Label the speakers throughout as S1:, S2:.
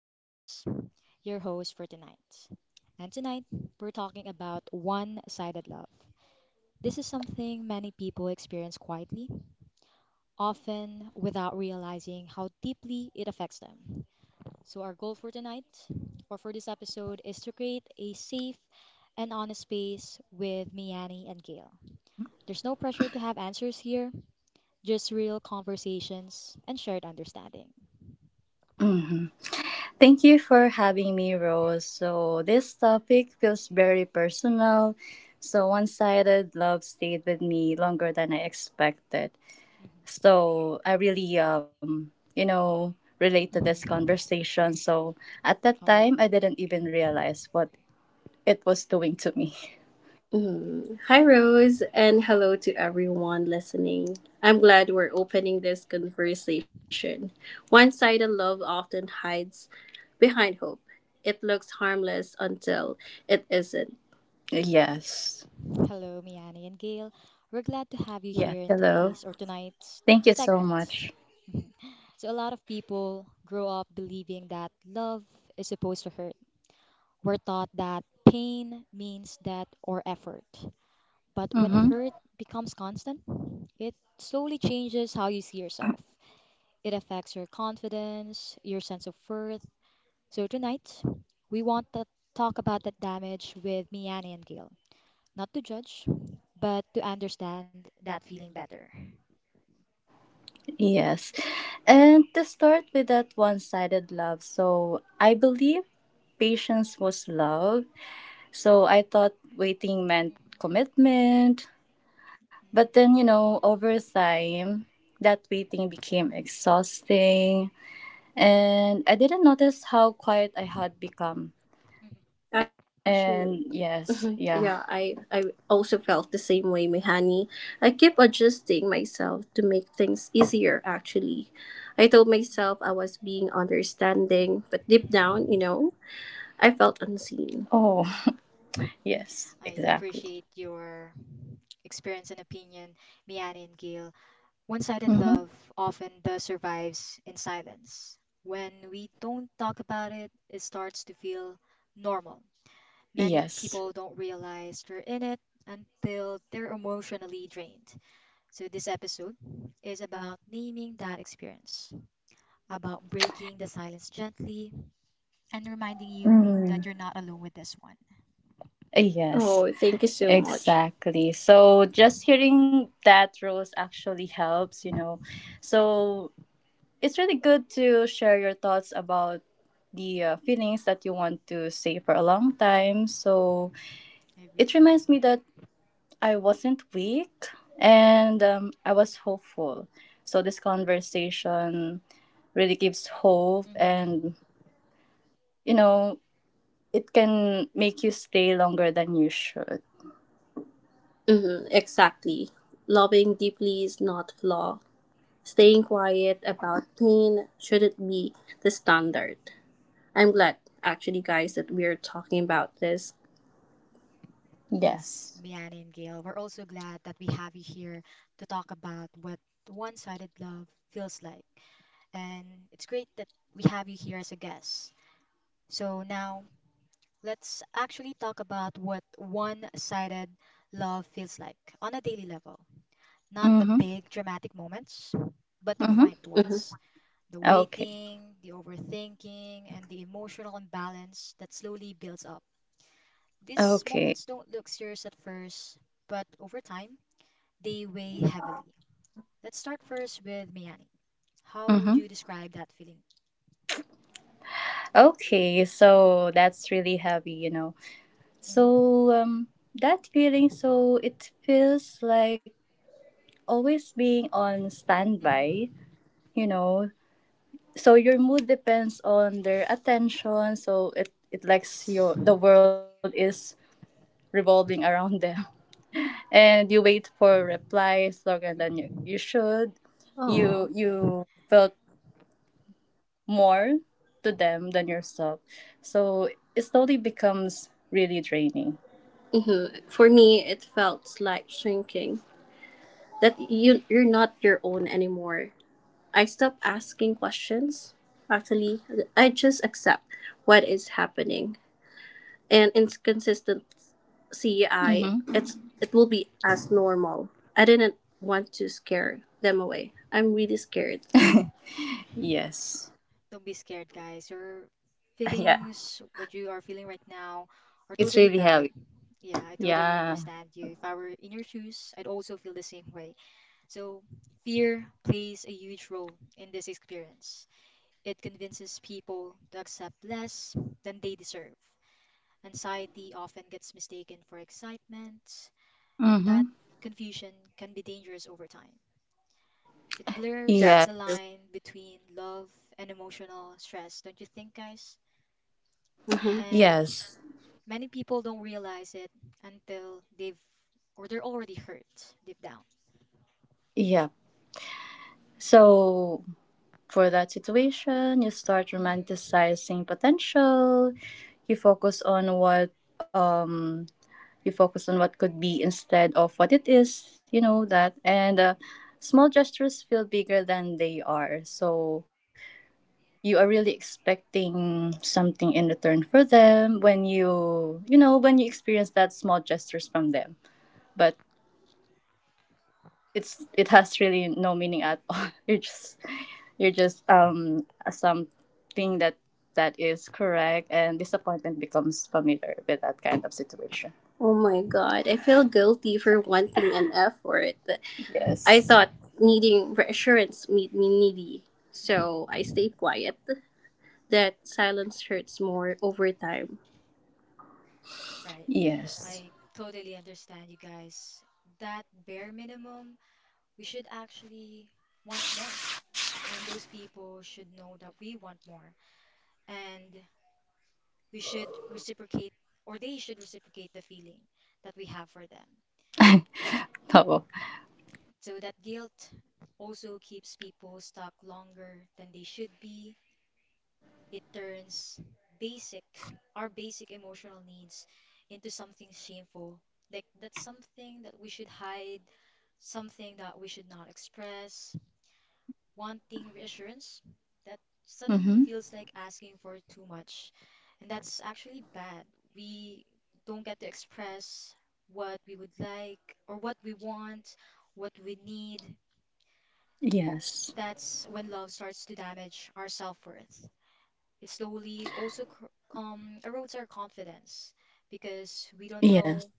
S1: I'm Rose, your host for tonight. And tonight, we're talking about one sided love. This is something many people experience quietly, often without realizing how deeply it affects them. So, our goal for tonight, or for this episode, is to create a safe and honest space with Miani and Gail. There's no pressure to have answers here, just real conversations and shared understanding.
S2: Thank you for having me, Rose. So, this topic feels very personal. So, one sided love stayed with me longer than I expected. So, I really, relate to
S1: Mhm.
S2: this
S1: Mhm.
S2: conversation. So, at that
S1: Oh,
S2: time,
S1: wow.
S2: I didn't even realize what it was doing to me. Mm. Hi, Rose, and hello to everyone listening. I'm glad we're opening this conversation. One sided love often hides behind hope. It looks harmless until it isn't. Yes.
S1: Hello, Miani and Gail. We're glad to have you
S2: Yes.
S1: here in
S2: Hello.
S1: today's or tonight's
S2: Thank you so
S1: segment.
S2: much.
S1: So a lot of people grow up believing that love is supposed to hurt. We're taught that pain means death or effort. But when
S2: Mm-hmm.
S1: hurt becomes constant, it slowly changes how you see yourself. It affects your confidence, your sense of worth. So tonight, we want to talk about that damage with Miani and Gail, not to judge, but to understand that feeling better.
S2: Yes. And to start with that one sided love, so I believe patience was love. So I thought waiting meant
S1: Mhm,
S2: commitment. But
S1: mhm,
S2: then, over time, that waiting became exhausting. And I didn't notice how quiet I had become.
S1: mhm,
S2: Actually, and yes, yeah, yeah, I also felt the same way, Mihani. I keep adjusting myself to make things easier. Actually, I told
S1: mhm.
S2: myself I was being understanding, but deep down,
S1: Mhm.
S2: I felt unseen. Oh, yes,
S1: I
S2: exactly.
S1: appreciate your experience and opinion, Miani and Gail. One sided
S2: Mm-hmm.
S1: love often does survives in silence. When we don't talk about it, it starts to feel normal. Many
S2: Yes.
S1: people don't realize they're in it until they're emotionally drained. So, this episode is about naming that experience, about breaking the silence gently and reminding you that
S2: Mm.
S1: you're not alone with this one.
S2: Yes. Oh, thank you so much. Exactly. So just hearing that, Rose, actually helps, you
S1: Mhm,
S2: know. So it's really good to share your thoughts about the feelings that you want to say for a long time. So
S1: mhm. I agree.
S2: it reminds me that I wasn't weak, and I was hopeful. So this conversation really gives hope
S1: Hmm.
S2: and, you know, it can make you stay longer than you should. Mm-hmm, exactly. Loving deeply is not flaw. Staying quiet about pain shouldn't be the standard. I'm glad, actually, guys, that we're talking about this.
S1: Yes,
S2: Yes.
S1: Mian and Gail, we're also glad that we have you here to talk about what one sided love feels like. And it's great that we have you here as a guest. So now let's actually talk about what one sided love feels like on a daily level. Not the
S2: Mm-hmm.
S1: big dramatic moments, but the
S2: Mm-hmm.
S1: quiet
S2: Mhm.
S1: ones, the
S2: Okay.
S1: waiting, the overthinking, and the emotional imbalance that slowly builds up. These
S2: Okay.
S1: moments don't look serious at first, but over time, they weigh heavily. Let's start first with Miani. How would
S2: Mm-hmm.
S1: you describe that feeling?
S2: Okay. So that's really heavy.
S1: Mm-hmm.
S2: So that feeling. So it feels like always being on standby,
S1: Mm-hmm.
S2: you know. So your mood depends on their attention. So it likes your the
S1: Right.
S2: world is revolving around them, and you wait for replies longer than you
S1: Mm-hmm.
S2: should. Oh. you Oh, you
S1: Right.
S2: felt more to them than yourself, so it slowly becomes really draining. Mm-hmm. For me, it felt like shrinking. That you're not your own anymore. I stopped asking questions. Actually, I just accept what is happening and inconsistent, see. I, mm-hmm, it will be
S1: Mm-hmm.
S2: as normal. I didn't want to scare them away. I'm really scared. Yes.
S1: Don't be scared, guys. Your
S2: Yeah.
S1: feelings, what you are feeling right now, are
S2: It's
S1: totally
S2: really
S1: valid.
S2: heavy.
S1: Yeah, I totally
S2: Yeah.
S1: understand you. If I were in your shoes, I'd also feel the same way. So, fear plays a huge role in this experience. It convinces people to accept less than they deserve. Anxiety often gets mistaken for excitement, and that
S2: Mm-hmm.
S1: confusion can be dangerous over time. It blurs
S2: Yes.
S1: the
S2: That's
S1: line between love and emotional stress, don't you think, guys?
S2: true. Hmm.
S1: And
S2: Yes.
S1: many people don't realize it until they're already hurt deep down.
S2: Yeah. So for that situation, you start
S1: Hmm.
S2: romanticizing potential. You focus on what You focus on what could be instead of what it is, you know that. And small gestures feel bigger than they are. So you are really expecting something in return for them when when you experience that small gestures from them. But it has really no meaning at all. You're just something that is correct, and disappointment becomes familiar with that kind of situation. Oh my god, I feel guilty
S1: That's
S2: for
S1: right.
S2: wanting an effort. I
S1: Hmm.
S2: Yes. I thought needing reassurance made me needy, so
S1: Hmm.
S2: I stayed quiet. That silence hurts more over time.
S1: Right.
S2: Yes.
S1: I totally understand you guys. That bare minimum, we should actually want more. And those people should know that we want more. And we should reciprocate, or they should reciprocate the feeling that we have for them.
S2: No.
S1: So that guilt also keeps people stuck longer than they should be. It turns basic, our basic emotional needs into something shameful. Like that's something that we should hide, something that we should not express, wanting reassurance that
S2: Mm-hmm.
S1: suddenly feels like asking for too much. And that's actually bad. We don't get to express what we would like or what we want, what we need.
S2: Yes.
S1: That's when love starts to damage our self worth. It slowly also erodes our confidence because we don't
S2: Yes.
S1: know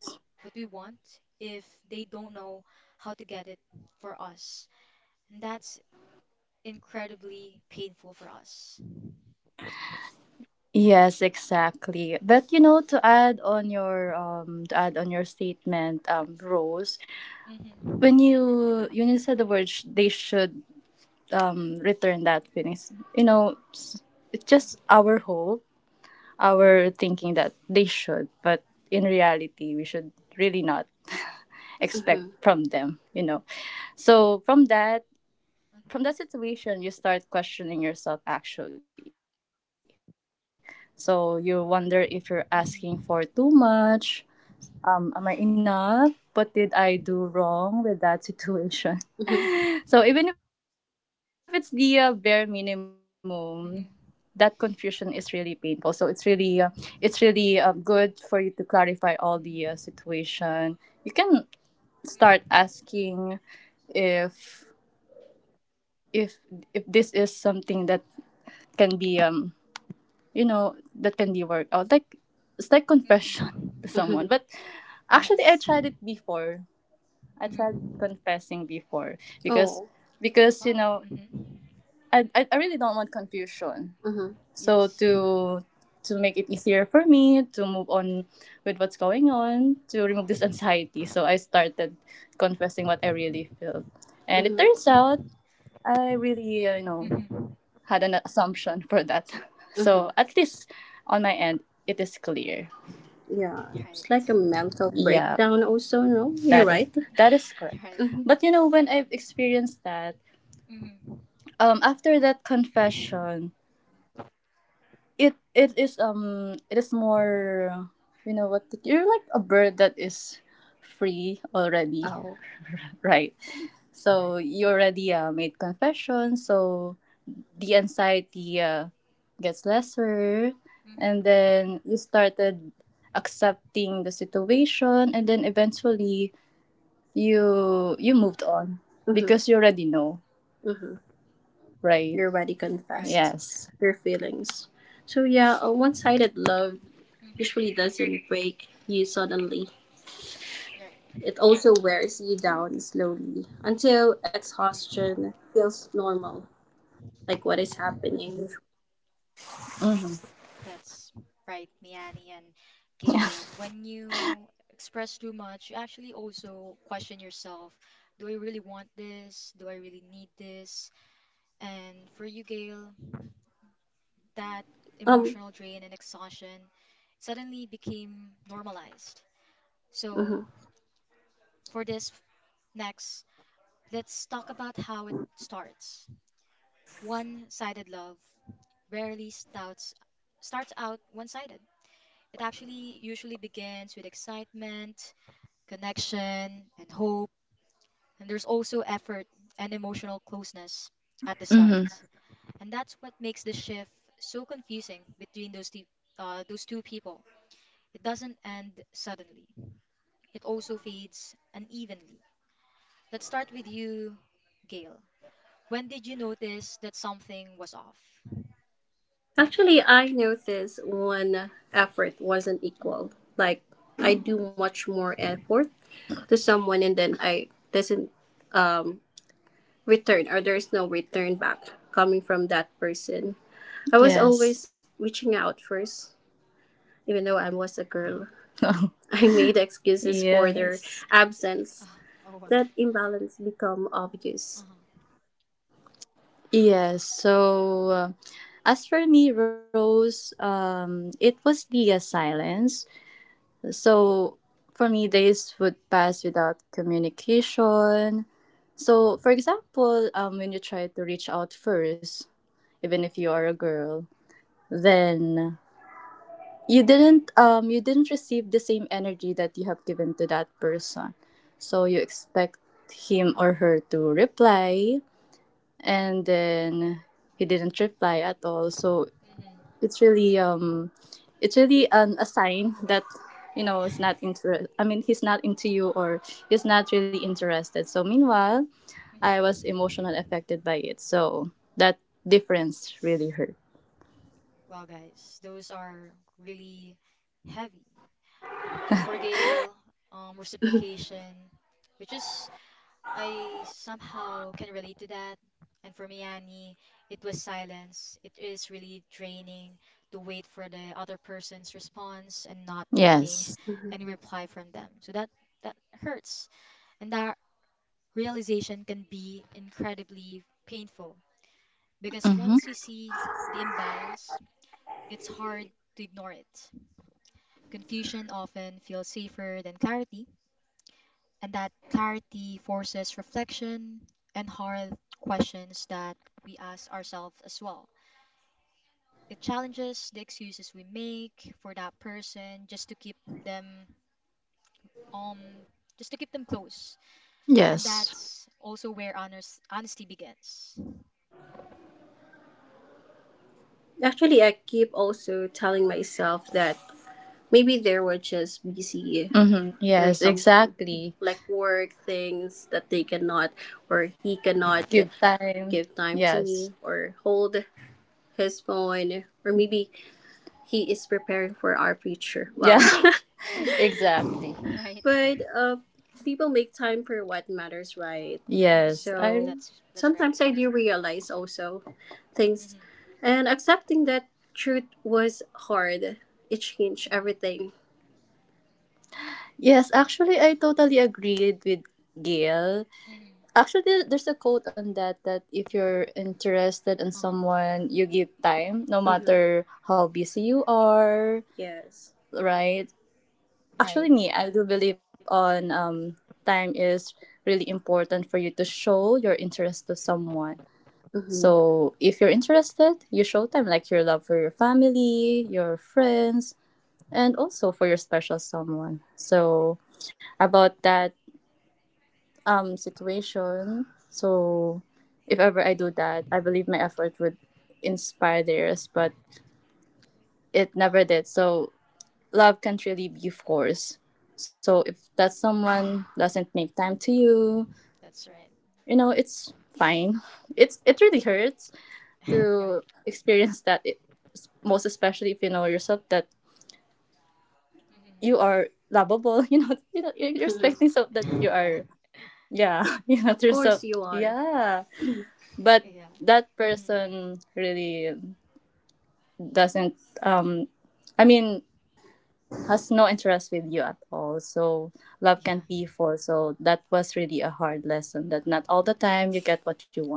S1: what we want if they don't know how to get it for us. And that's incredibly painful for us.
S2: Yes, exactly. But to add on your to add on your statement, Rose,
S1: Mhm,
S2: when you said the word they should return that feelings, it's just
S1: mhm,
S2: our hope, our thinking that they should, but in reality, we should really not expect from them. So from that
S1: mhm,
S2: from that situation, you start questioning yourself, actually. So you wonder if you're asking for too
S1: mhm,
S2: much am I enough? What did I do wrong with that situation? So even if it's the bare minimum, that confusion is
S1: mhm,
S2: really painful. So it's really good for you to clarify all the situation. You can
S1: mhm,
S2: start
S1: mhm,
S2: asking if if this is something that can be worked out, it's like
S1: mhm.
S2: confession to someone. But
S1: Yes.
S2: actually, I tried it before. I
S1: Mhm.
S2: tried confessing before because Oh.
S1: Wow.
S2: because you know
S1: Mhm.
S2: I, I I really don't want confusion. Mm-hmm.
S1: Yes.
S2: So to make it easier for me to move on with what's going on, to
S1: Uh
S2: remove
S1: huh.
S2: this anxiety. So I started confessing what I really felt. And it, mm-hmm, turns out
S1: Mhm.
S2: I really,
S1: Mhm.
S2: had an assumption for that. Mm-hmm. So at least on my end, it is clear. Yeah,
S1: Right.
S2: it's like a mental, yeah, breakdown, also, no? You're that is right. That is correct.
S1: Right.
S2: Mhm. But when I've experienced that,
S1: Mhm.
S2: after that confession, it is more, you know what? You're like a bird that is free already, Oh, right? So
S1: Right.
S2: you already made confession, so the anxiety gets lesser, and
S1: Mhm.
S2: then you started accepting the situation, and then eventually you moved on. Mhm. Because you already know, hmm right? You already confessed,
S1: Right.
S2: yes, your feelings. So yeah, a one-sided love
S1: Mhm.
S2: usually doesn't break you suddenly.
S1: Right.
S2: It also wears you down slowly until
S1: Mhm.
S2: exhaustion feels normal, like what is happening. Mm-hmm.
S1: That's right, Miani and Gail. When you express too much, you actually also question yourself, do I really want this? Do I really need this? And for you, Gail, that
S2: Um,
S1: emotional drain and exhaustion suddenly became normalized. So,
S2: mhm.
S1: for this next, let's talk about how it starts. One sided love rarely starts out one sided. It actually usually begins with excitement, connection, and hope. And there's also effort and emotional closeness at the start.
S2: hmm
S1: And that's what makes the shift so confusing between those two people. It doesn't end suddenly, it also fades unevenly. Let's start with you, Gail. When did you notice that something was off?
S2: Actually, I noticed when effort wasn't equal. Like, I do much more effort to someone, and then I doesn't um, return, or there's no return back coming from that person. I was, yes, always reaching out first, even though I was a girl. I made excuses for their, yes, absence.
S1: Ah, oh, wow.
S2: That imbalance become
S1: Uh
S2: obvious.
S1: huh.
S2: Yes. So, uh, as for me, Rose, it was Leah's silence. So for me, days would pass without communication. So, for example, when you try to reach out first, even if you are a girl, then you didn't receive the same energy that you have given to that person. So you expect him or her to reply, and then he didn't reply at all. So
S1: Mm hmm.
S2: it's really um it's really an a sign that it's not I mean, he's not into you, or he's not really interested. So meanwhile,
S1: Mm
S2: I was
S1: hmm.
S2: emotionally affected by it, so that difference really hurt.
S1: Well, guys, those are really heavy. For Gail, reciprocation, which is I somehow can relate to that. And for me, Annie, it was silence. It is really draining to wait for the other person's response and not getting
S2: Yes.
S1: any reply from them. So that hurts. And that realization can be incredibly painful because
S2: Mm-hmm.
S1: once you see the imbalance, it's hard to ignore it. Confusion often feels safer than clarity, and that clarity forces reflection and hard questions that we ask ourselves as well. It challenges the excuses we make for that person just to keep them um them close. And
S2: Yes.
S1: that's also where honors honesty begins.
S2: Actually, I keep also telling myself that maybe they were just busy, mm-hmm, or, yes, some, exactly, like work things that they cannot, or he cannot, give time to, yes, me, or hold his phone, or maybe he is preparing for our future. Well, yeah, exactly.
S1: Right?
S2: But people make time for what matters, right?
S1: Mhm.
S2: Yes. So
S1: That's right.
S2: sometimes I do realize also things,
S1: Mhm.
S2: and accepting that truth was hard. It changed
S1: Mhm.
S2: everything. Yes, actually, I totally agreed with Gail.
S1: Mhm.
S2: Actually, there's a quote on that that if you're interested in
S1: Uh-huh.
S2: someone, you give time, no matter how busy you are, yes, right?
S1: Right.
S2: Actually, me, I do believe on time is really important for you to show your interest to someone. Mm-hmm. So if you're interested, you show them like your love for your family, your friends, and also for your special someone. So about that situation. So if ever I do
S1: Mhm.
S2: that, I believe my effort would inspire theirs, but it never
S1: Uh-huh.
S2: did. So love can't really be forced. So if that someone doesn't make time to you,
S1: That's right.
S2: it's fine. It really hurts
S1: Yeah.
S2: to experience that it, most especially if you know yourself that
S1: Mhm.
S2: you are lovable, you know you're, you're, expecting so that you
S1: Yeah.
S2: are, yeah, of course, so you are. Yeah, but
S1: Yeah.
S2: that
S1: Mhm.
S2: person really doesn't um I mean has no interest with you at all. So love
S1: Yeah.
S2: can't be forced, so that was really a hard lesson that not all the time you get what you want.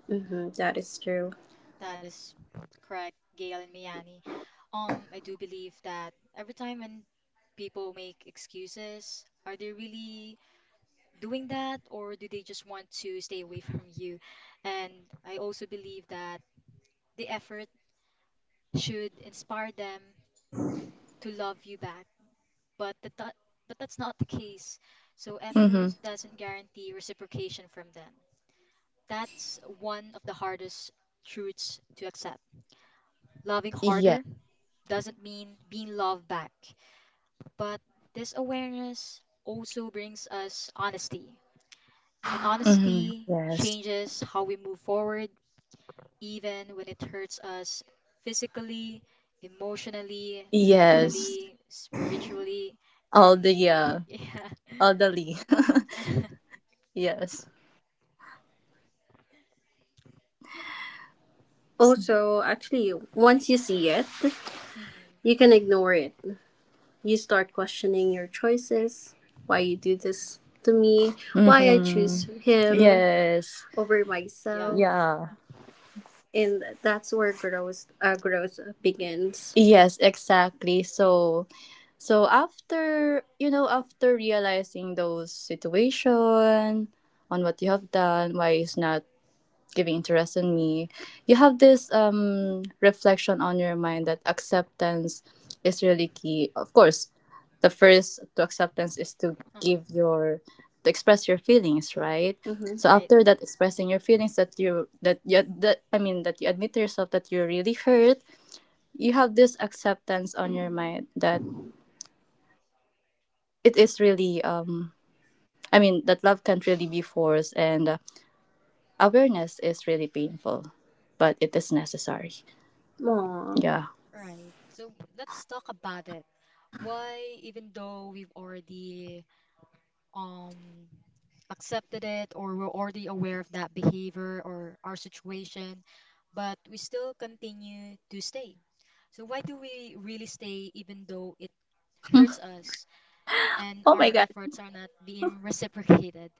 S2: Mm-hmm, that is true.
S1: That is correct, Gail and Miani. I do believe that every time when people make excuses, are they really doing that or do they just want to stay away from you? And I also believe that the effort should inspire them to love you back, but that's not the case. So
S2: Mm-hmm.
S1: effort doesn't guarantee reciprocation from them. That's one of the hardest truths to accept. Loving
S2: Yeah.
S1: harder doesn't mean being loved back. But this awareness also brings us honesty. And
S2: Mm-hmm.
S1: honesty
S2: Yes.
S1: changes how we move forward, even when it hurts us physically, emotionally,
S2: Yes.
S1: mentally, spiritually,
S2: all the
S1: any.
S2: yeah
S1: Yeah.
S2: all the lee yes. Also, actually, once you see it, you
S1: Hmm.
S2: can ignore it. You start questioning your choices, why you do this to me, mm-hmm, why I choose
S1: Hmm.
S2: him, yes, over
S1: Yeah.
S2: myself. Yeah. And that's where growth begins. Yes, exactly. So after realizing those situation on what you have done, why it's not giving interest in me, you have this reflection on your mind that acceptance is really key. Of course, the first to acceptance is to
S1: Uh-huh.
S2: give your to express your feelings, right? Mm-hmm. So
S1: Right.
S2: after that expressing your feelings, that you that you that I mean, that you admit to yourself that you're really hurt, you have this acceptance on your mind that it is really I mean that love can't really be forced, and awareness is really painful, but it is necessary. Aw. Yeah.
S1: Right. So let's talk about it. Why, even though we've already um accepted it or we're already aware of that behavior or our situation, but we still continue to stay. So, why do we really stay even though it hurts us and
S2: Oh my
S1: our
S2: god.
S1: efforts are not being reciprocated?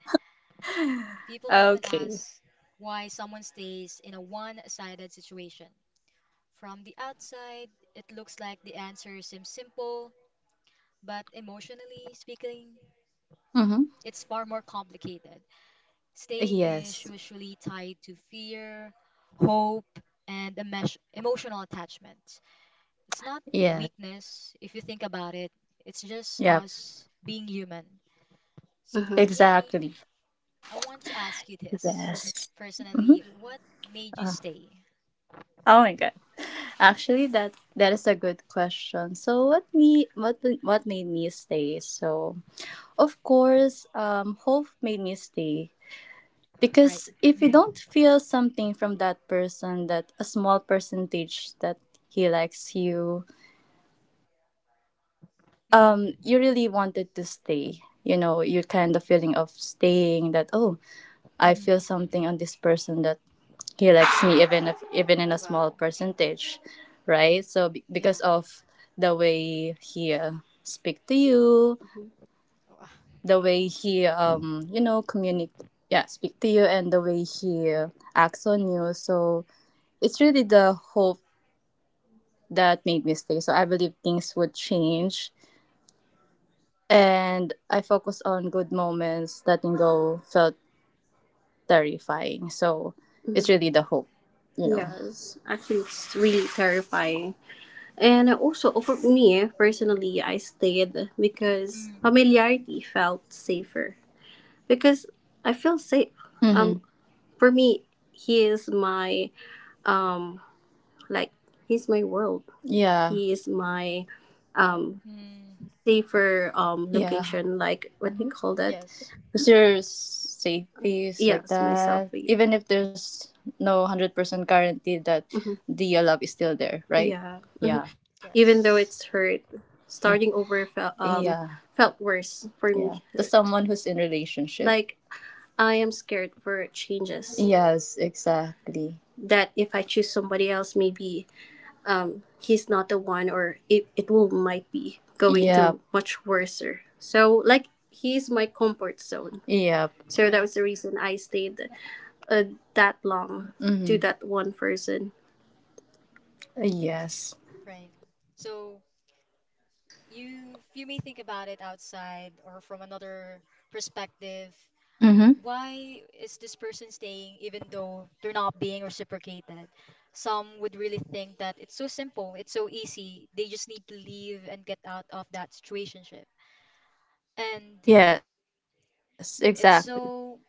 S1: People often
S2: Okay.
S1: ask why someone stays in a one sided situation. From the outside, it looks like the answer seems simple, but emotionally speaking,
S2: Mm-hmm.
S1: it's far more complicated. Staying is
S2: Yes.
S1: usually tied to fear, hope, and emotional attachment. It's not
S2: Yeah.
S1: weakness if you think about it, it's just
S2: Yeah.
S1: us being human. So, Miani,
S2: Exactly.
S1: I want to ask you this
S2: Yes. Mm-hmm.
S1: personally, what made you
S2: Uh,
S1: stay,
S2: Oh my god. Actually, that is a good question. So, what made me stay? So, of course, hope made me stay,
S1: right?
S2: because if you don't
S1: Mm-hmm.
S2: feel something from that person, that a small percentage that he likes you,
S1: Mm-hmm.
S2: you really wanted to stay, you kind of feeling of staying that oh, I
S1: Mm-hmm.
S2: feel something on this person that he likes me, even if even in a small
S1: Wow.
S2: percentage, right? So because
S1: Yeah.
S2: of the way he speak to you,
S1: Wa-
S2: the way he communicate, yeah, speak to you, and the way he acts on you. So it's really the hope that made me stay. So I believe things would change and I focus on good moments. Letting go felt terrifying, so it's, Mhm, really the hope. Yes, actually, it's really terrifying. And also, for me personally, I stayed because
S1: Mm.
S2: familiarity felt safer. Because I feel safe. Mm-hmm. For me, he is my, um, like, he's my world. Yeah. He is my um.
S1: Mm.
S2: safer, yeah, location. Like, what do you call that?
S1: Yes.
S2: Because you're safe is like, yes, my that selfie. Even if there's no 100% guarantee that, Mhm, the love is still there, right? Yeah. Mhm. Yeah. Even though
S1: Yes.
S2: it's hurt, starting over felt, yeah, felt worse for, yeah, me. To someone who's in relationship, like, I am scared for changes. Yes, exactly. That if I choose somebody else, maybe he's not the one, or it will might be going, yep, to much worser. So like, he's my comfort zone. Yeah. So that
S1: Right.
S2: was the reason I stayed that long, Mhm, to, Mhm, that one person. Yes.
S1: Right. So, you may think about it outside or from another perspective.
S2: Mm-hmm.
S1: Why is this person staying even though they're not being reciprocated? Some would really think that it's so simple, it's so easy. They just need to leave and get out of that situationship. And
S2: Yes,
S1: it's
S2: exactly.
S1: so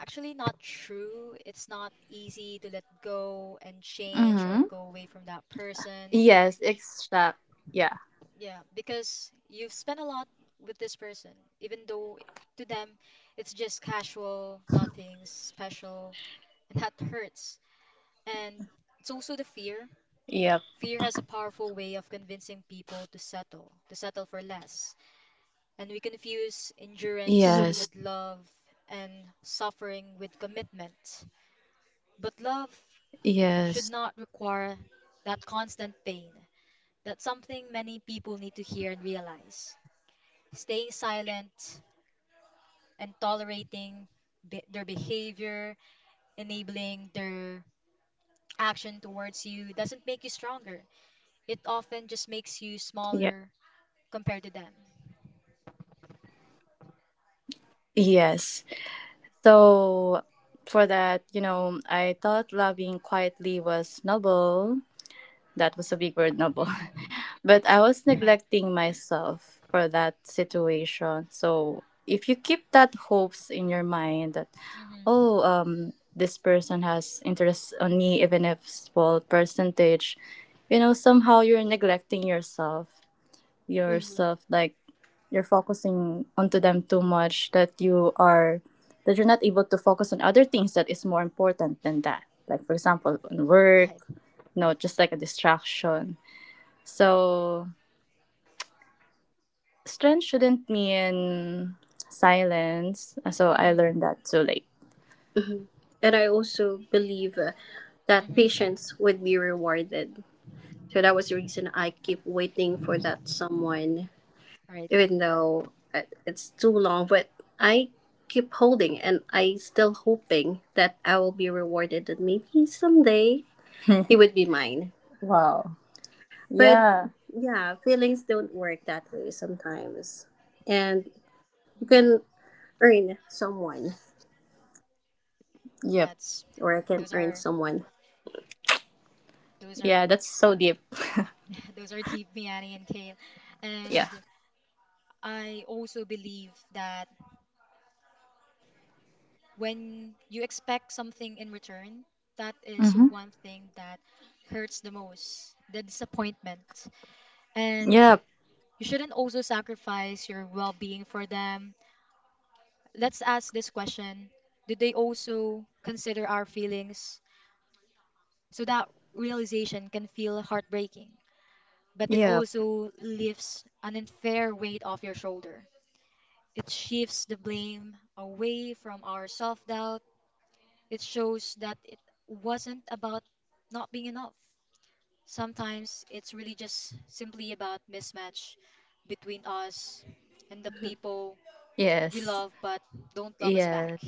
S1: actually not true. It's not easy to let go and
S2: Mm-hmm.
S1: change or go away from that
S2: Yes,
S1: person.
S2: exact. Yeah.
S1: Yeah, because you've spent a lot with this person, even though to them it's just casual, nothing special, and that hurts. And it's also the fear.
S2: Yep. Mhm.
S1: Fear has a powerful way of convincing people to settle for less. And we confuse endurance
S2: Yes.
S1: with love and suffering with commitment. But love should
S2: Yes.
S1: not require that constant pain. That's something many people need to hear and realize. Staying silent and tolerating their behavior, enabling their action towards you doesn't make you stronger. It often just makes you
S2: Yeah.
S1: smaller compared to them.
S2: Yes. So for that, you know, I thought loving quietly was noble. That was a big word, noble.
S1: Hmm.
S2: But I was
S1: Right.
S2: neglecting myself for that situation. So if you keep that hopes in your mind that
S1: Hmm.
S2: oh, this person has interest on me, even if small percentage, you know, somehow you're neglecting yourself, hmm, yourself like you're focusing onto them too much that you are, that you're not able to focus on other things that is more important than that. Like for example, on work.
S1: Right.
S2: No, just like a distraction. So strength shouldn't mean silence. So I
S1: Hmm.
S2: learned that too late. Mhm. And I also believe that
S1: Hmm.
S2: patience would be rewarded. So that was the reason I keep waiting for that someone,
S1: Right.
S2: even though it's too long. But I keep holding and I still hoping that I will be rewarded, and maybe someday he would be mine. Wow. But yeah, yeah, feelings don't work that way sometimes. And you can
S1: Hmm.
S2: earn someone, yep,
S1: That's
S2: or I
S1: those
S2: can
S1: are
S2: earn someone.
S1: those are
S2: Yeah, that's so deep.
S1: those are deep, Miani, and Kale, and
S2: Yeah.
S1: I also believe that when you expect something in return, that is one
S2: Mm-hmm.
S1: thing that hurts the most, the disappointment. And
S2: Yep.
S1: you shouldn't also sacrifice your well being for them. Let's ask this question: do they also consider our feelings? So that realization can feel heartbreaking, but it
S2: Yep.
S1: also lifts an unfair weight off your shoulder. It shifts the blame away from our self doubt. It shows that it wasn't about not being enough. Sometimes it's really just simply about mismatch between us and the people we
S2: Yes.
S1: love but don't love us back.
S2: Yes.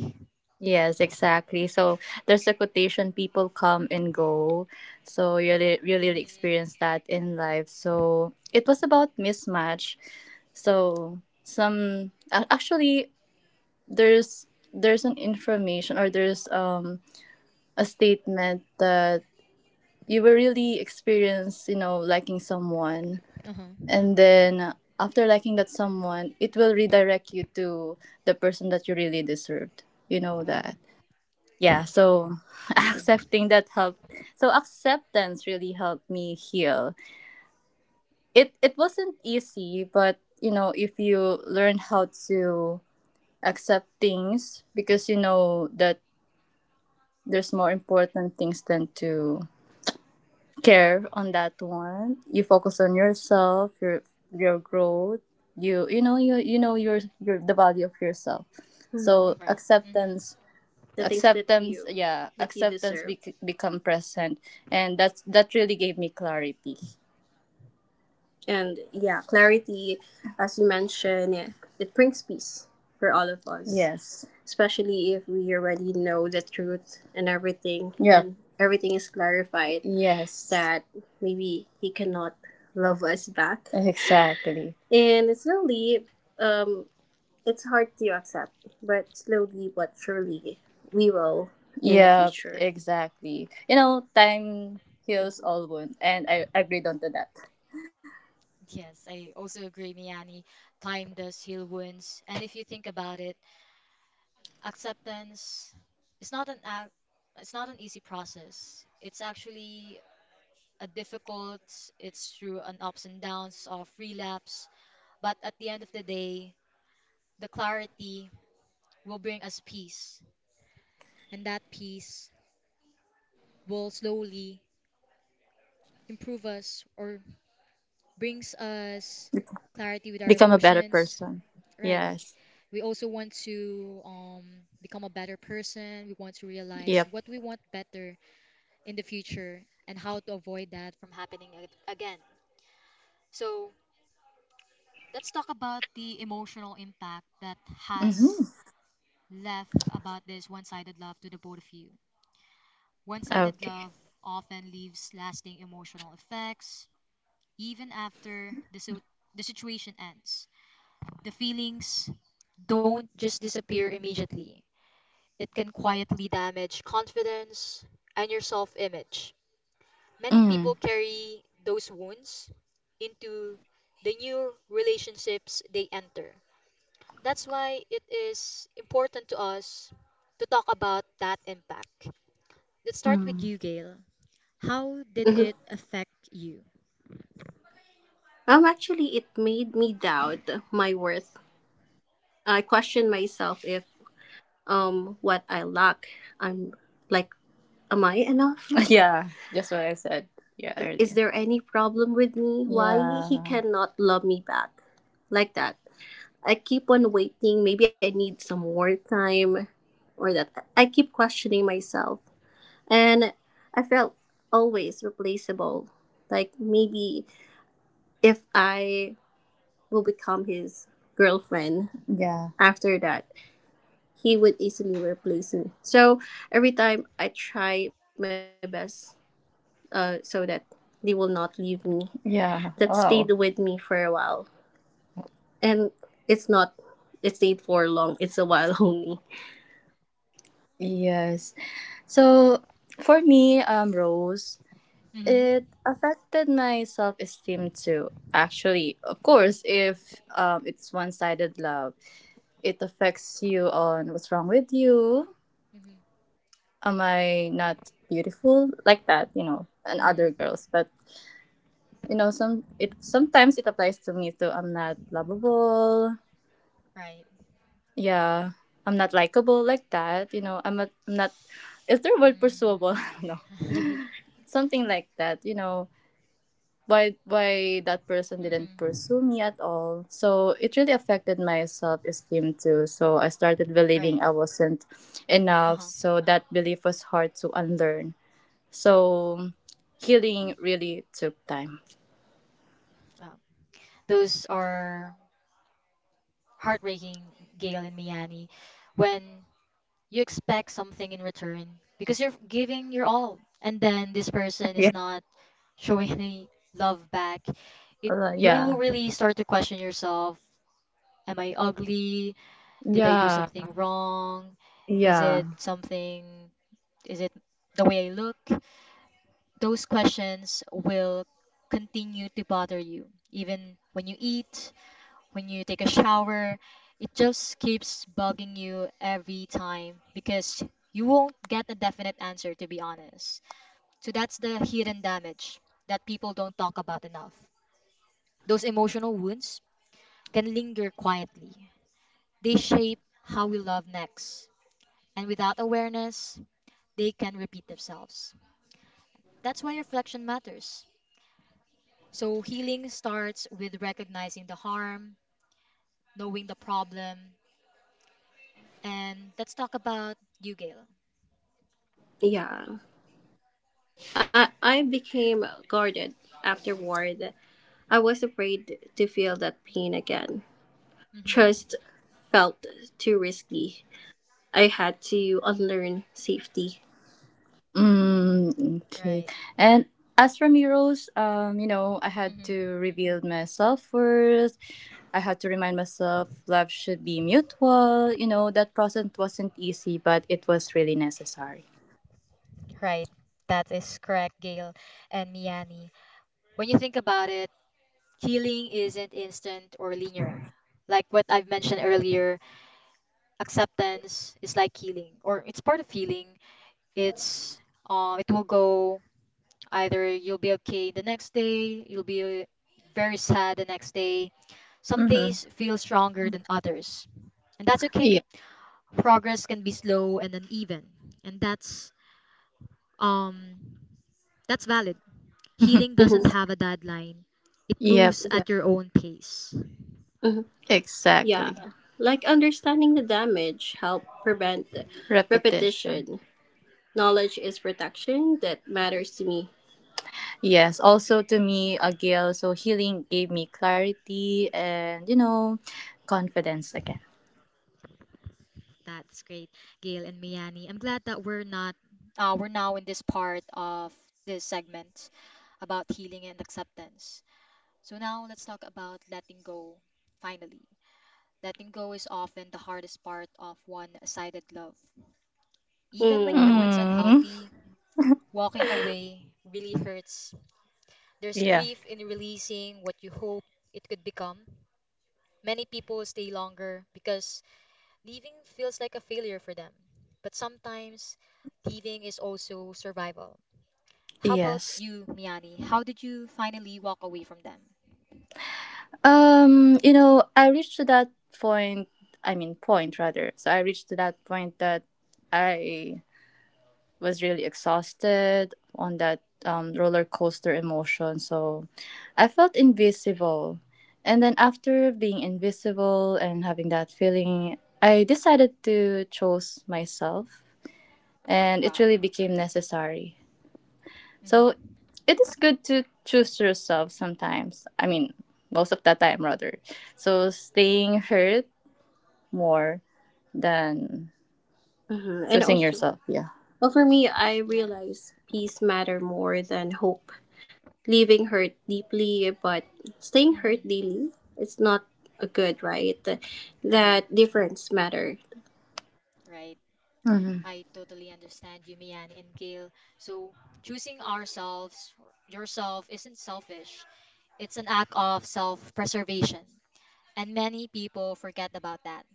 S2: Yes, exactly. So there's a quotation, people come and go. So you really, really
S1: Hmm.
S2: experience that in life. So it was about mismatch. So some actually there's an information, or there's a statement that you will really experience, liking someone,
S1: Uh-huh.
S2: and then after liking that someone, it will redirect you to the person that you really deserved, you know
S1: Wow.
S2: that
S1: Yeah.
S2: yeah. So
S1: Mm-hmm.
S2: accepting that helped. So acceptance really helped me heal. It wasn't easy, but if you learn how to accept things, because you know that there's more important things than to care on that one. You focus on yourself, your growth. You know, you know, your the value of yourself. Mm. So
S1: Mm. Right. Mm-hmm.
S2: acceptance, the things that acceptance you, yeah, that you acceptance deserve, become present, and that really gave me clarity. And yeah, clarity, as you mentioned, it brings peace for all of us. Yes. Especially if we already know the truth and everything. Yeah. And everything is clarified, yes, that maybe he cannot love us back. Exactly. And slowly, it's hard to accept, but slowly but surely, we will in the, yeah, future, exactly. You know, time heals all wounds, and I agreed on to that.
S1: Yes, I also agree, Miani. Time does heal wounds, and if you think about it, acceptance is not an ac- it's not an easy process. It's actually a difficult, it's through an ups and downs of relapse, but at the end of the day, the clarity will bring us peace, and that peace will slowly improve us or brings us clarity with our
S2: Become a better
S1: emotions,
S2: person.
S1: right?
S2: Yes.
S1: We also want to become a better person. We want to realize
S2: Yep.
S1: what we want better in the future and how to avoid that from happening again. So let's talk about the emotional impact that has
S2: Mm-hmm.
S1: left about this one sided love to the both of you. One sided
S2: Okay.
S1: love often leaves lasting emotional effects even after the situation ends. The feelings don't just disappear immediately, it can quietly damage confidence and your self image. Many people
S2: Mm.
S1: carry those wounds into the new relationships they enter. That's why it is important to us to talk about that impact. Let's start with
S2: Mm.
S1: you, Gail. How did
S2: Mhm.
S1: it affect you?
S2: Actually, it made me doubt my worth. I question myself if, what I lack, I'm like, am I enough? Yeah. That's what I said, yeah, Is Earlier. There any problem with me? Why he, yeah, cannot love me back? Like that. I keep on waiting. Maybe I need some more time, or that. I keep questioning myself. And I felt always replaceable. Like maybe if I will become his girlfriend, yeah, after that, he would easily replace me. So every time I try my best, so that they will not leave me, yeah, that, wow, stayed with me for a while. And it's not, it stayed for long. It's a while only. Yes. So for me, Rose,
S1: Mm-hmm.
S2: it affected my self esteem too. Actually, of course, if
S1: Mm-hmm.
S2: it's one sided love, it affects you on what's wrong with you.
S1: Mm-hmm.
S2: Am I not beautiful, like that? You know, and other
S1: Mm.
S2: girls, but you know, some, it sometimes it applies to me too. I'm not lovable.
S1: Right.
S2: Yeah, I'm not likable, like that. You know, I'm a, I'm not. Is the word pursuable? No,
S1: Mm.
S2: something like that. You know, why that person didn't
S1: Mm-hmm.
S2: pursue me at all. So it really affected my self esteem too. So I started believing
S1: Right.
S2: I wasn't enough.
S1: Uh-huh.
S2: So that belief was hard to unlearn. So healing really took time.
S1: Wow. Those are heartbreaking, Gail and Miani, when you expect something in return because you're giving your all, and then this person is
S2: Yeah.
S1: not showing any love back. It you will
S2: Yeah.
S1: really start to question yourself. Am I ugly? Did I do
S2: Yeah.
S1: something wrong? Is it
S2: Yeah.
S1: something, is it the way I look? Those questions will continue to bother you. Even when you eat, when you take a shower, it just keeps bugging you every time because you won't get a definite answer, to be honest. So that's the hidden damage that people don't talk about enough. Those emotional wounds can linger quietly. They shape how we love next. And without awareness, they can repeat themselves. That's why reflection matters. So, healing starts with recognizing the harm, knowing the problem, and let's talk about you, Gail.
S2: Yeah. I became guarded afterward. I was afraid to feel that pain again.
S1: Hmm.
S2: Trust felt too risky. I had to unlearn safety. Mm, okay.
S1: Right.
S2: And as from Euros, you know, I had to
S1: Hmm.
S2: rebuild my self worth. I had to remind myself love should be mutual. You know, that process wasn't easy, but it was really necessary.
S1: Right. That is correct, Gail and Miani. When you think about it, healing isn't instant or linear. Like what I've mentioned earlier, acceptance is like healing, or it's part of healing. It's it will go Either you'll be okay the next day, you'll be very sad the next day. Some
S2: Mm-hmm.
S1: days feel stronger than others, and that's okay.
S2: Yeah.
S1: Progress can be slow and uneven, and um that's valid. Healing
S2: Mhm.
S1: doesn't have a deadline. It
S2: Yep.
S1: moves
S2: Yeah.
S1: at your own pace.
S2: Mhm. Exactly. Yeah. Like understanding the damage help prevent repetition. repetition. Knowledge is protection, that matters to me. Yes, also to me, Gail, so healing gave me clarity and, confidence again.
S1: That's great, Gail and Miani. I'm glad that we're not we're now in this part of this segment about healing and acceptance. So now let's talk about letting go finally. Letting go is often the hardest part of one sided love. Even
S2: Mm.
S1: when you know it's
S2: Mm.
S1: unhealthy, walking away really hurts. There's
S2: Yeah.
S1: grief in releasing what you hope it could become. Many people stay longer because leaving feels like a failure for them. But sometimes leaving is also survival. How about
S2: Yes.
S1: you, Miani? How did you finally walk away from them?
S2: You know, I reached to that point, I mean point rather. So I reached to that point that I was really exhausted on that roller coaster emotion. So I felt invisible. And then after being invisible and having that feeling, I decided to choose myself, and it
S1: Wow.
S2: really became necessary. So
S1: Mm-hmm.
S2: it is good to choose yourself sometimes. I mean, most of the time rather. So staying hurt more than, Mhm, so and seeing also, yourself, yeah. Well, for me, I
S1: Yeah.
S2: realize peace matter more than hope. Leaving hurt deeply, but staying hurt
S1: Mm-hmm.
S2: daily, it's not a good, right?
S1: Right.
S2: That difference matter.
S1: Right.
S2: Mm-hmm.
S1: I totally understand you, Mian and Gail. So, choosing yourself, isn't selfish. It's an act of self preservation. And many people forget about that.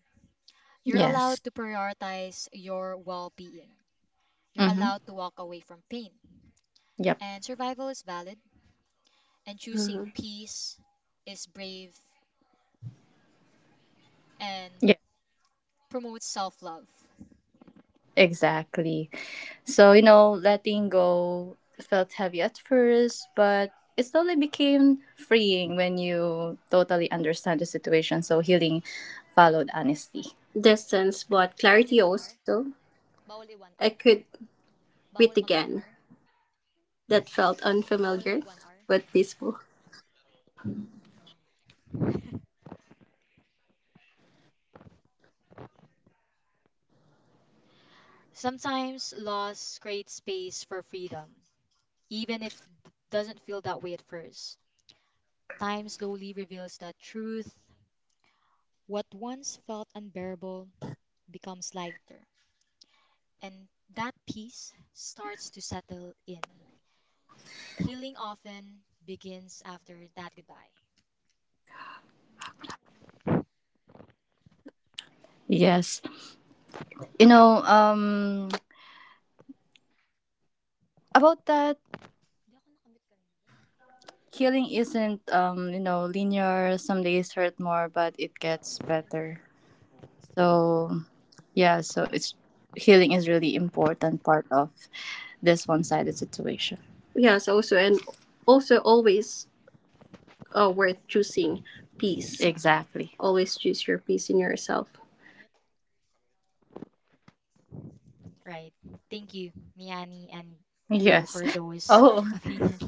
S1: You're
S2: Yes.
S1: allowed to prioritize your well being, you're
S2: Mm-hmm.
S1: allowed to walk away from pain.
S2: Yep.
S1: And survival is valid, and choosing
S2: Mhm.
S1: peace is brave and promotes self love.
S2: Exactly. So, you know, letting go felt heavy at first, but it slowly became freeing when you totally understand the situation. So healing followed honesty. Distance but clarity also. I could quit again. That felt unfamiliar but peaceful.
S1: Sometimes loss creates space for freedom, even if it doesn't feel that way at first. Time slowly reveals that truth, what once felt unbearable, becomes lighter, and that peace starts to settle in. Healing often begins after that goodbye.
S2: Yes. You know, um, about that healing isn't, linear. Some days hurt more, but it gets better. So, yeah, so it's healing is really important part of this one-sided situation. Yes, also, and also always worth choosing peace. Exactly. Always choose your peace in yourself.
S1: Right. Thank you, Miani and Gail,
S2: Yes.
S1: for those
S2: Oh,
S1: opinions.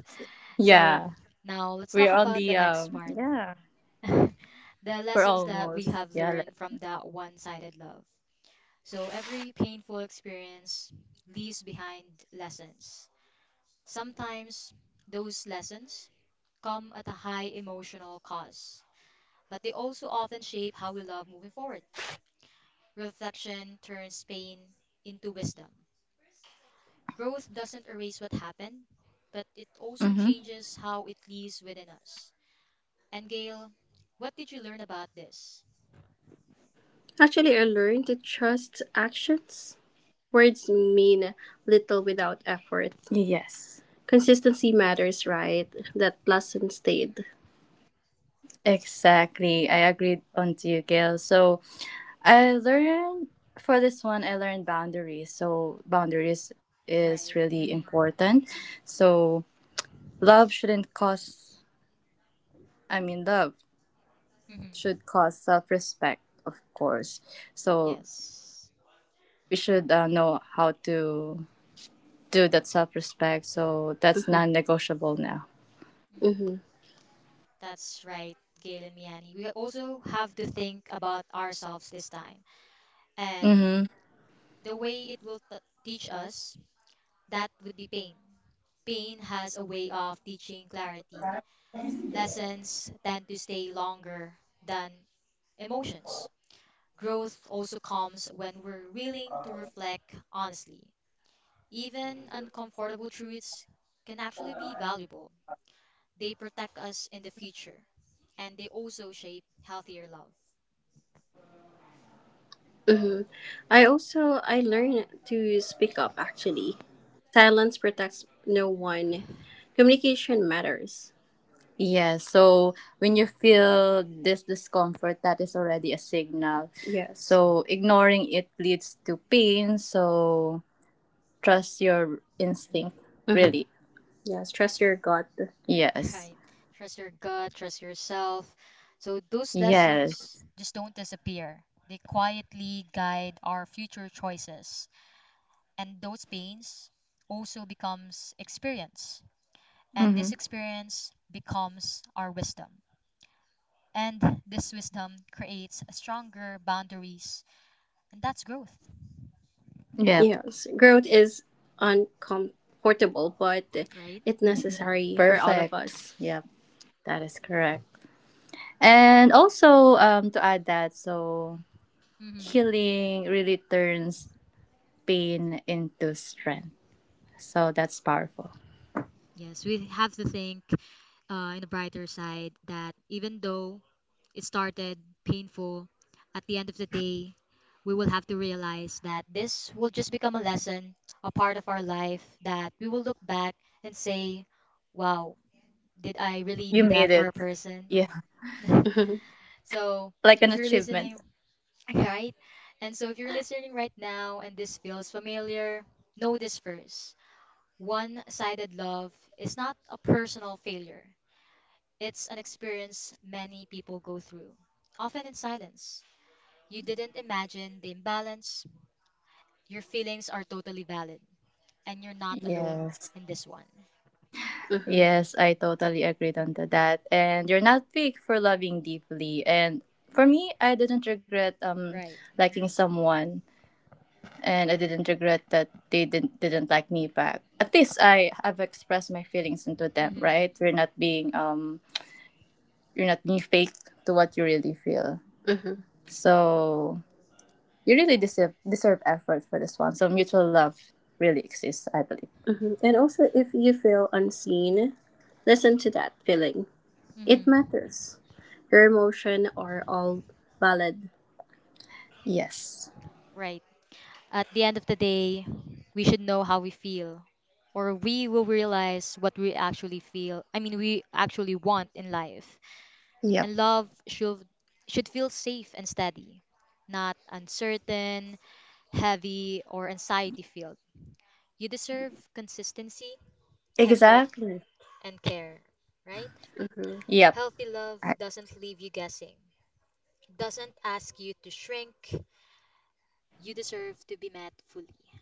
S1: So
S2: yeah.
S1: now let's
S2: We're
S1: talk
S2: on
S1: about the
S2: the,
S1: next part.
S2: yeah,
S1: The
S2: we're
S1: lessons that we
S2: almost,
S1: have
S2: yeah. Let,
S1: learned from that one sided love. So every painful experience leaves behind lessons. Sometimes those lessons come at a high emotional cost, but they also often shape how we love moving forward. Reflection turns pain into wisdom. Growth doesn't erase what happened, but it also
S2: mm-hmm.
S1: changes how it lives within us. And Gail, what did you learn about this?
S2: Actually, I learned to trust actions. Words mean little without effort. Yes. Consistency matters, right? That lesson stayed. Exactly. I agreed on to you, Gail. So I learned for this one, I learned boundaries. So boundaries is
S1: Right.
S2: really
S1: Hmm.
S2: important. So love shouldn't cause, I mean, love should
S1: Hmm.
S2: cause self respect, of course. So
S1: Yes.
S2: we should know how to do that self respect. So that's, hmm, non negotiable now. Mhm.
S1: Mhm. That's right, Gail and Miani. We also have to think about ourselves this time. And
S2: Mm-hmm.
S1: the way it will teach us, that would be pain. Pain has a way of teaching clarity. Lessons tend to stay longer than emotions. Growth also comes when we're willing to reflect honestly. Even uncomfortable truths can actually be valuable. They protect us in the future and they also shape healthier love.
S2: Hmm. I also I learned to speak up, actually. Silence protects no one. Communication matters. Yeah, so when you feel this discomfort, that is already a signal. Yes. So ignoring it leads to pain. So trust your instinct, hmm, really. Yes. Trust your gut. Yes.
S1: Right. Trust your gut, trust yourself. So those
S2: Yes.
S1: lessons just don't disappear. They quietly guide our future choices. And those pains also becomes experience. And this
S2: Mhm.
S1: experience becomes our wisdom. And this wisdom creates stronger boundaries. And that's growth,
S2: Yeah. Yes, growth is uncomfortable, but
S1: right?
S2: it's necessary for all of, perfect, us. Yep, that is correct. And also, to add that, so
S1: Hmm.
S2: healing really turns pain into strength. So that's powerful.
S1: Yes, we have to think in the brighter side that even though it started painful. At the end of the day, we will have to realize that this will just become a lesson, a part of our life that we will look back and say, wow, did I really
S2: You
S1: do that
S2: made
S1: for
S2: it.
S1: a person?
S2: Yeah. Mhm,
S1: So
S2: like an
S1: if you're
S2: achievement.
S1: listening, right? And so if you're listening right now and this feels familiar, know this first. One sided love is not a personal failure, it's an experience many people go through, often in silence. You didn't imagine the imbalance. Your feelings are totally valid, and you're not alone
S2: Yes.
S1: in this one.
S2: Mhm. Yes, I totally agreed on to that. And you're not weak for loving deeply. And for me, I didn't regret
S1: Right.
S2: liking someone, and I didn't regret that they didn't like me back. At least I have expressed my feelings into them,
S1: Mm-hmm.
S2: right? You're not being fake to what you really feel. Mm-hmm. So you really deserve effort for this one. So mutual love really exists, I believe. Mm-hmm. And also, if you feel unseen, listen to that feeling. It
S1: Mm-hmm.
S2: matters. Your emotion are all valid. Yes.
S1: Right. At the end of the day, we should know how we feel, or we will realize what we actually feel. I mean, we actually want in life.
S2: Yep.
S1: And love should feel safe and steady, not uncertain, heavy, or anxiety filled. You deserve consistency, effort,
S2: Exactly.
S1: and care. Right?
S2: Mm-hmm. Yep.
S1: Healthy love
S2: I,
S1: doesn't leave you guessing, doesn't ask you to shrink. You deserve to be met fully.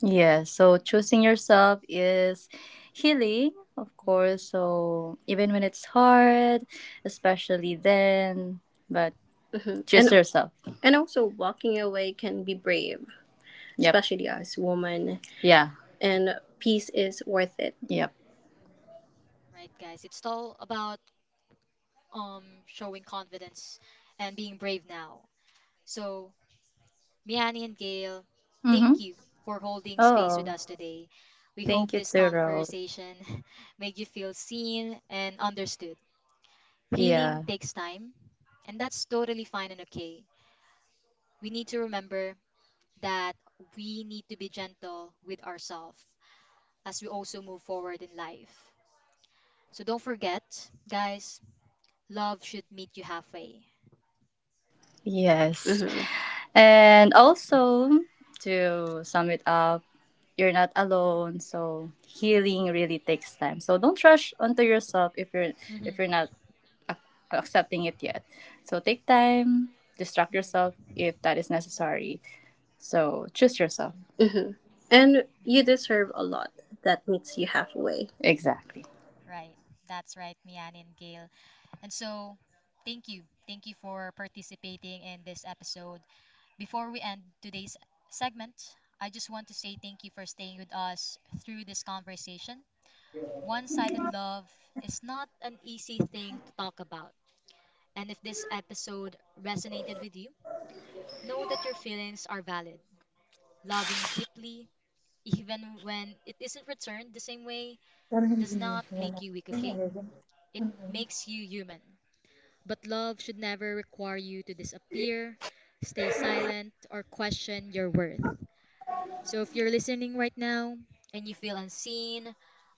S2: yeah, so choosing yourself is healing, of course.
S1: Hmm.
S2: So even when it's hard, especially then, but hmm, choose, and yourself, and also walking away can be brave, yep, especially as woman. Yeah. And peace is worth it. Yep.
S1: Right, guys? It's all about showing confidence and being brave now. So, Miani and Gail,
S2: Mm-hmm.
S1: thank you for holding space with
S2: Oh,
S1: us today. We
S2: thank
S1: hope
S2: you
S1: this
S2: to Rose.
S1: conversation made you feel seen and understood.
S2: Yeah.
S1: Healing takes time, and that's totally fine and okay. We need to remember that we need to be gentle with ourselves as we also move forward in life. So don't forget, guys, love should meet you halfway.
S2: Yes. Hmm. And also, to sum it up, you're not alone. So healing really takes time, so don't rush onto yourself if you're,
S1: Mhm,
S2: not ac- accepting it yet. So take time, distract
S1: mhm.
S2: yourself if that is necessary. So choose yourself, hmm, and you deserve a lot that meets you halfway. Exactly.
S1: Right. That's right, Mian and Gail. And so, thank you. Thank you for participating in this episode. Before we end today's segment, I just want to say thank you for staying with us through this conversation. One sided love is not an easy thing to talk about, and if this episode resonated with you, know that your feelings are valid. Loving deeply, even when it isn't returned the same way, does not make you weak, okay? It makes you human. But love should never require you to disappear, stay silent, or question your worth. So if you're listening right now and you feel unseen,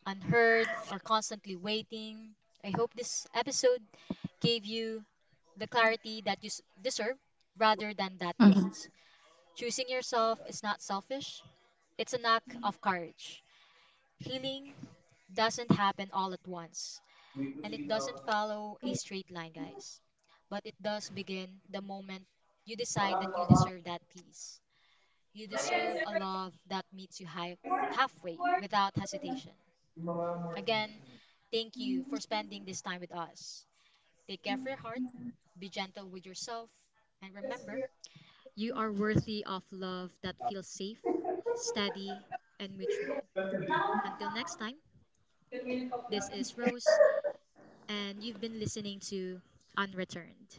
S1: unheard, or constantly waiting, I hope this episode gave you the clarity that you deserve rather than that
S2: Mhm.
S1: guilt. Choosing yourself is not selfish, it's an act of courage. Healing doesn't happen all at once, and it doesn't follow a straight line, guys. But it does begin the moment you decide that you deserve that peace. You deserve a love that meets you halfway without hesitation. Again, thank you for spending this time with us. Take care of your heart, be gentle with yourself, and remember you are worthy of love that feels safe, steady, and mutual. Until next time, this is Rose, and you've been listening to Unreturned.